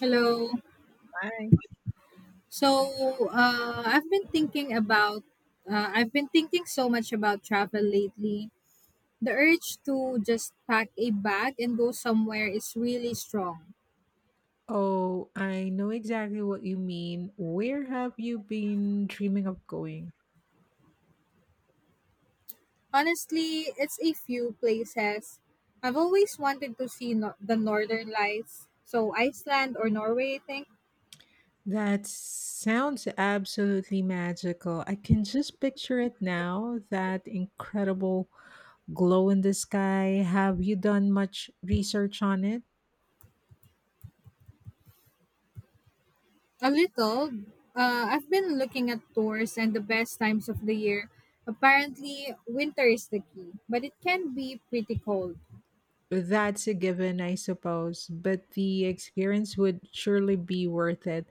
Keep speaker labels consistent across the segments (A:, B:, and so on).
A: Hello.
B: Hi.
A: So, I've been I've been thinking so much about travel lately. The urge to just pack a bag and go somewhere is really strong.
B: Oh, I know exactly what you mean. Where have you been dreaming of going?
A: Honestly, it's a few places. I've always wanted to see no- the northern lights, so Iceland or Norway, I think.
B: That sounds absolutely magical. I can just picture it now, that incredible glow in the sky. Have you done much research on it?
A: A little. I've been looking at tours and the best times of the year. Apparently, winter is the key, but it can be pretty cold.
B: That's a given, I suppose, but the experience would surely be worth it.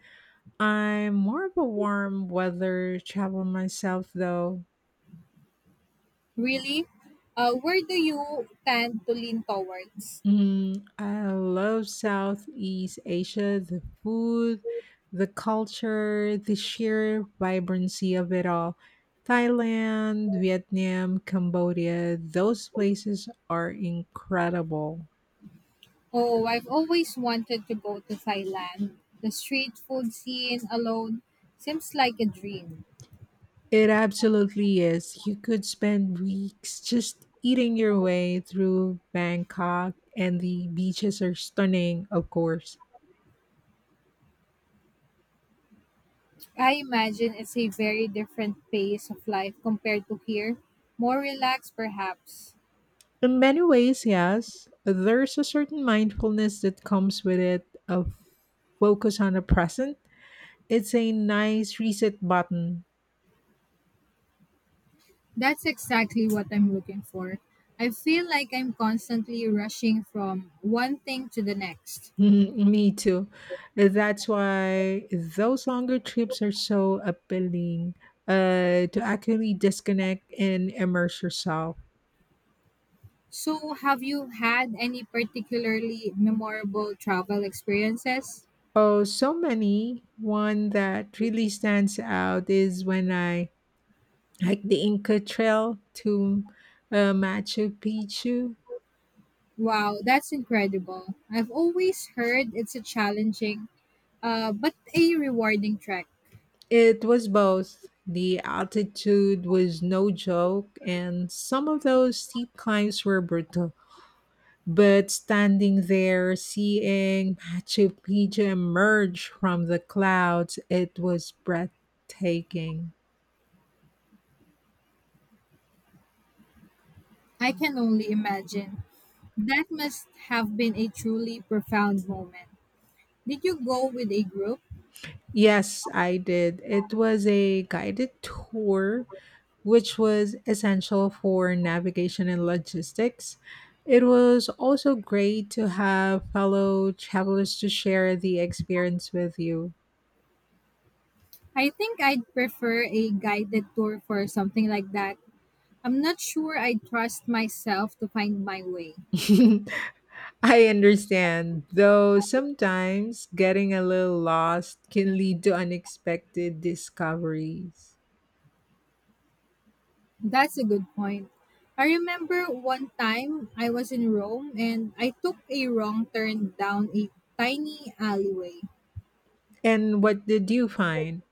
B: I'm more of a warm weather travel myself, though.
A: Really? Where do you tend to lean towards?
B: Mm, I love Southeast Asia, the food, the culture, the sheer vibrancy of it all. Thailand, Vietnam, Cambodia, those places are incredible.
A: Oh, I've always wanted to go to Thailand. The street food scene alone seems like a dream.
B: It absolutely is. You could spend weeks just eating your way through Bangkok, and the beaches are stunning, of course.
A: I imagine it's a very different pace of life compared to here, more relaxed perhaps.
B: In many ways, yes. There's a certain mindfulness that comes with it, a focus on the present. It's a nice reset button.
A: That's exactly what I'm looking for. I feel like I'm constantly rushing from one thing to the next.
B: Mhm, me too. That's why those longer trips are so appealing, to actually disconnect and immerse yourself.
A: So, have you had any particularly memorable travel experiences?
B: Oh, so many. One that really stands out is when I hiked the Inca Trail to, Machu Picchu.
A: Wow, that's incredible. I've always heard it's a challenging, but a rewarding trek.
B: It was both. The altitude was no joke, and some of those steep climbs were brutal. But standing there, seeing Machu Picchu emerge from the clouds, it was breathtaking.
A: I can only imagine. That must have been a truly profound moment. Did you go with a group?
B: Yes, I did. It was a guided tour, which was essential for navigation and logistics. It was also great to have fellow travelers to share the experience with you.
A: I think I'd prefer a guided tour for something like that. I'm not sure I trust myself to find my way.
B: I understand, though sometimes getting a little lost can lead to unexpected discoveries.
A: That's a good point. I remember one time I was in Rome and I took a wrong turn down a tiny alleyway.
B: And what did you find?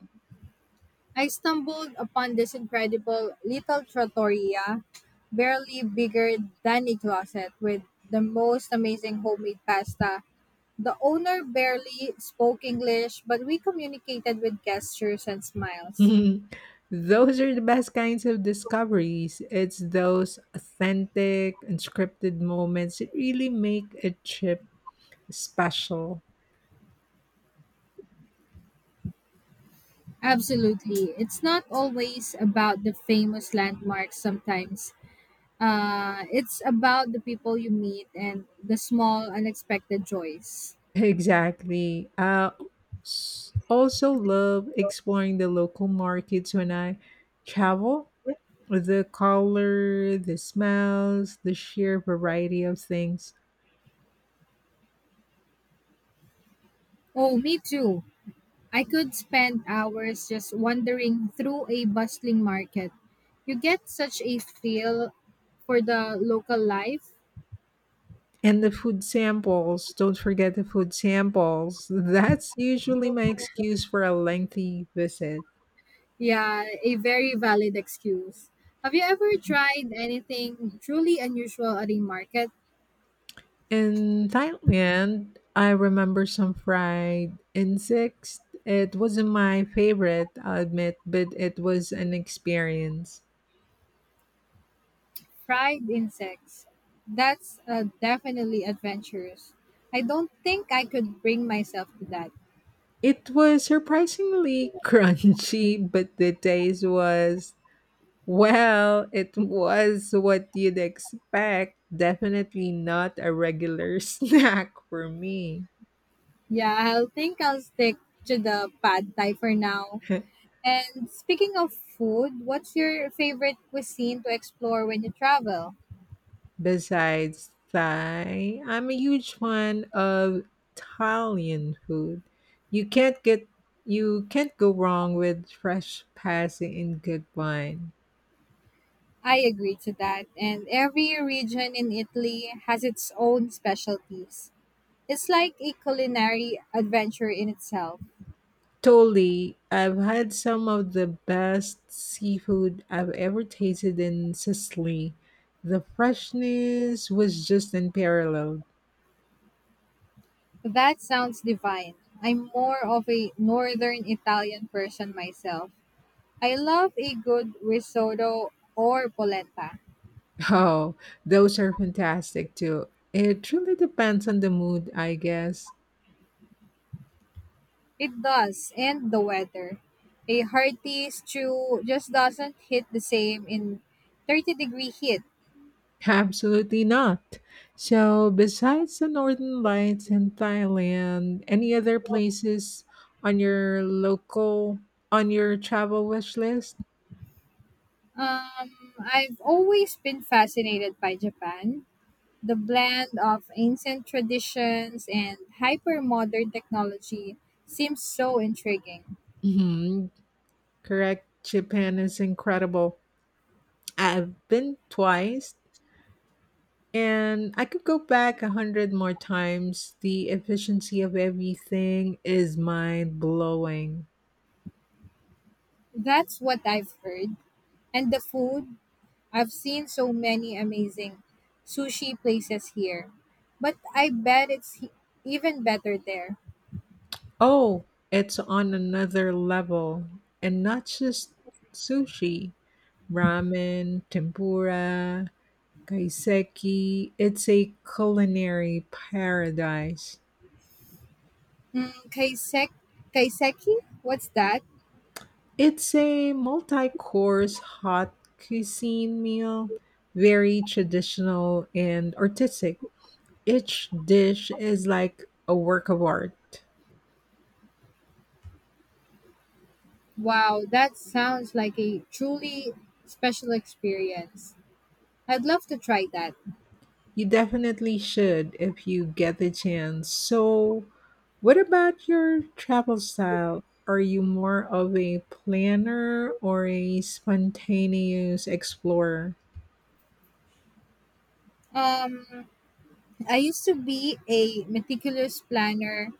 A: I stumbled upon this incredible little trattoria, barely bigger than a closet, with the most amazing homemade pasta. The owner barely spoke English, but we communicated with gestures and smiles.
B: Those are the best kinds of discoveries. It's those authentic, unscripted moments that really make a trip special.
A: Absolutely. It's not always about the famous landmarks sometimes. It's about the people you meet and the small, unexpected joys.
B: Exactly. Also love exploring the local markets when I travel. The color, the smells, the sheer variety of things.
A: Oh, me too. I could spend hours just wandering through a bustling market. You get such a feel for the local life.
B: And the food samples. Don't forget the food samples. That's usually my excuse for a lengthy visit.
A: Yeah, a very valid excuse. Have you ever tried anything truly unusual at a market?
B: In Thailand, I remember some fried insects. It wasn't my favorite, I'll admit, but it was an experience.
A: Fried insects. That's definitely adventurous. I don't think I could bring myself to that.
B: It was surprisingly crunchy, but the taste was, well, it was what you'd expect. Definitely not a regular snack for me.
A: Yeah, I'll think I'll stick to the pad thai for now. And speaking of food, what's your favorite cuisine to explore when you travel?
B: Besides Thai, I'm a huge fan of Italian food. You can't get you can't go wrong with fresh pasta and good wine.
A: I agree to that. And every region in Italy has its own specialties. It's like a culinary adventure in itself.
B: Totally, I've had some of the best seafood I've ever tasted in Sicily. The freshness was just unparalleled.
A: That sounds divine. I'm more of a northern Italian person myself. I love a good risotto or polenta.
B: Oh, those are fantastic too. It really depends on the mood, I guess.
A: It does, and the weather. A hearty stew just doesn't hit the same in 30-degree heat.
B: Absolutely not. So, besides the Northern Lights in Thailand, any other places on your local on your travel wish list?
A: Um, I've always been fascinated by Japan. The blend of ancient traditions and hyper modern technology seems so intriguing.
B: Hmm. Correct. Japan is incredible. I've been twice, and I could go back 100 more times. The efficiency of everything is mind blowing.
A: That's what I've heard. And the food, I've seen so many amazing sushi places here. But I bet even better there.
B: Oh, it's on another level, and not just sushi. Ramen, tempura, kaiseki. It's a culinary paradise.
A: Mm, kaisek, Kaiseki? What's that?
B: It's a multi course hot cuisine meal, very traditional and artistic. Each dish is like a work of art.
A: Wow, that sounds like a truly special experience. I'd love to try that.
B: You definitely should if you get the chance. So, what about your travel style? Are you more of a planner or a spontaneous explorer?
A: Um, I used to be a meticulous planner,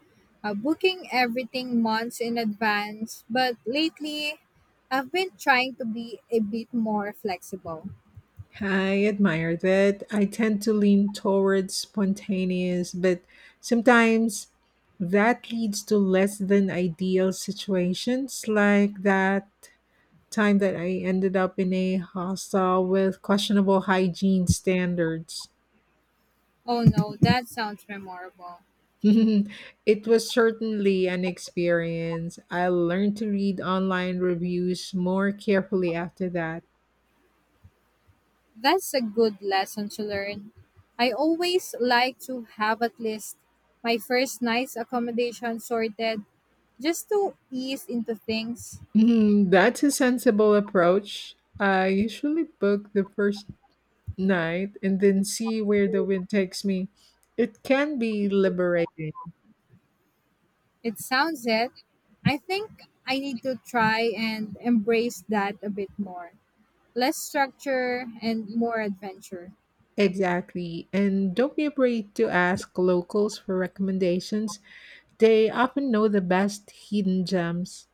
A: uh, booking everything months in advance, but lately I've been trying to be a bit more flexible.
B: I admire that. I tend to lean towards spontaneous, but sometimes that leads to less than ideal situations, like that time that I ended up in a hostel with questionable hygiene standards.
A: Oh no, that sounds memorable.
B: It was certainly an experience. I learned to read online reviews more carefully after that.
A: That's a good lesson to learn. I always like to have at least my first night's accommodation sorted just to ease into things.
B: Mhm, that's a sensible approach. I usually book the first night and then see where the wind takes me. It can be liberating.
A: It sounds it. I think I need to try and embrace that a bit more. Less structure and more adventure.
B: Exactly. And don't be afraid to ask locals for recommendations. They often know the best hidden gems.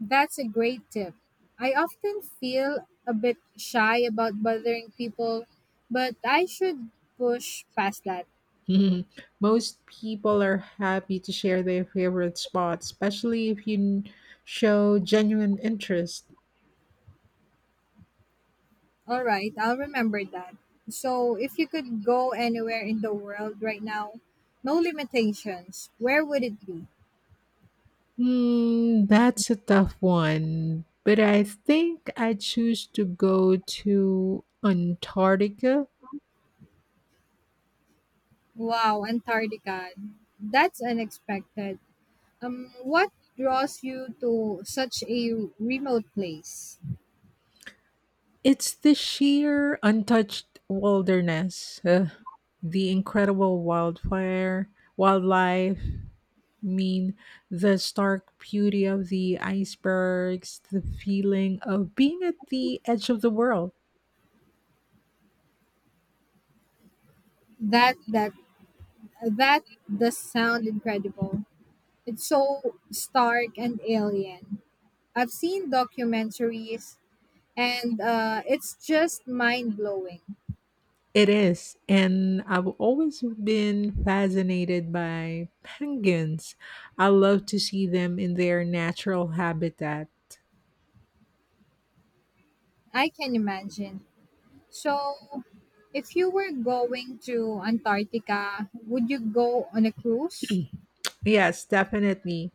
A: That's a great tip. I often feel a bit shy about bothering people, but I should push past that.
B: Mhm. Most people are happy to share their favorite spots, especially if you show genuine interest.
A: All right, I'll remember that. So, if you could go anywhere in the world right now, no limitations, where would it be?
B: Hmm, that's a tough one, but I think I choose to go to Antarctica.
A: Wow, Antarctica. That's unexpected. What draws you to such a remote place?
B: It's the sheer untouched wilderness, the incredible wildlife. I mean, the stark beauty of the icebergs, the feeling of being at the edge of the world.
A: That that that does sound incredible. It's so stark and alien. I've seen documentaries, and it's just mind blowing.
B: It is, and I've always been fascinated by penguins. I love to see them in their natural habitat.
A: I can imagine. So, if you were going to Antarctica, would you go on a cruise?
B: Yes, definitely.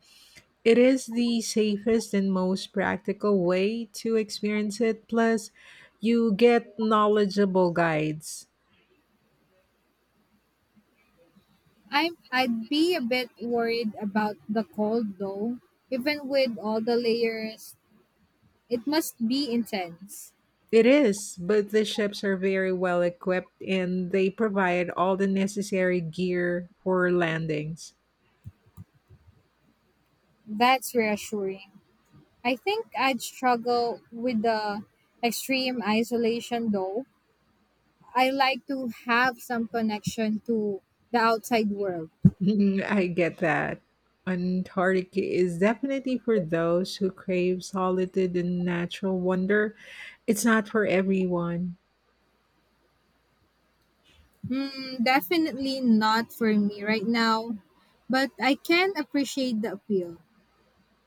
B: It is the safest and most practical way to experience it. Plus, you get knowledgeable guides.
A: I'd be a bit worried about the cold though. Even with all the layers, it must be intense.
B: It is, but the ships are very well equipped and they provide all the necessary gear for landings.
A: That's reassuring. I think I'd struggle with the extreme isolation though. I like to have some connection to the outside world.
B: I get that. Antarctica is definitely for those who crave solitude and natural wonder. It's not for everyone.
A: Hmm. Definitely not for me right now, but I can appreciate the appeal.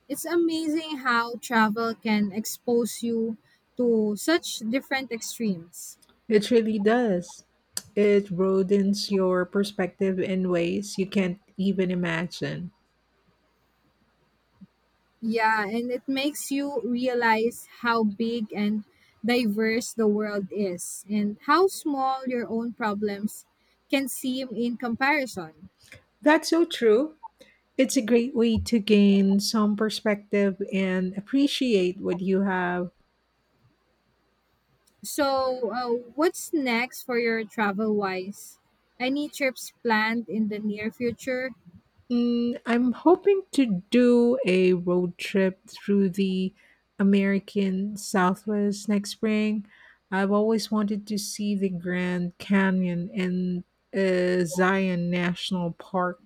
A: It's amazing how travel can expose you to such different extremes.
B: It really does. It broadens your perspective in ways you can't even imagine.
A: Yeah, and it makes you realize how big and diverse the world is and how small your own problems can seem in comparison.
B: That's so true. It's a great way to gain some perspective and appreciate what you have.
A: So, what's next for your travel wise? Any trips planned in the near future?
B: Mm, I'm hoping to do a road trip through the American Southwest next spring. I've always wanted to see the Grand Canyon and, Zion National Park.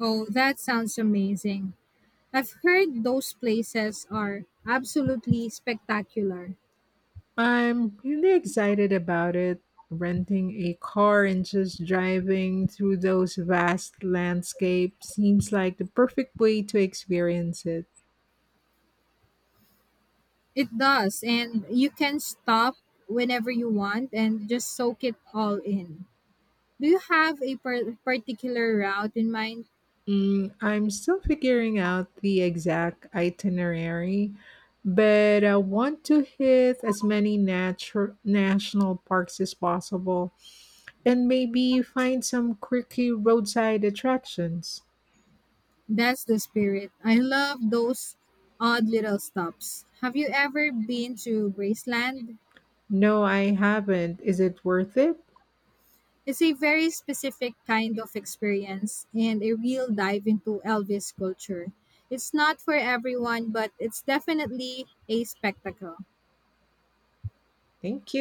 A: Oh, that sounds amazing. I've heard those places are absolutely spectacular.
B: I'm really excited about it. Renting a car and just driving through those vast landscapes seems like the perfect way to experience it.
A: It does, and you can stop whenever you want and just soak it all in. Do you have a particular route in mind?
B: Mm, I'm still figuring out the exact itinerary, but I want to hit as many national parks as possible and maybe find some quirky roadside attractions.
A: That's the spirit. I love those odd little stops. Have you ever been to Graceland?
B: No, I haven't. Is it worth it?
A: It's a very specific kind of experience and a real dive into Elvis culture. It's not for everyone, but it's definitely a spectacle.
B: Thank you.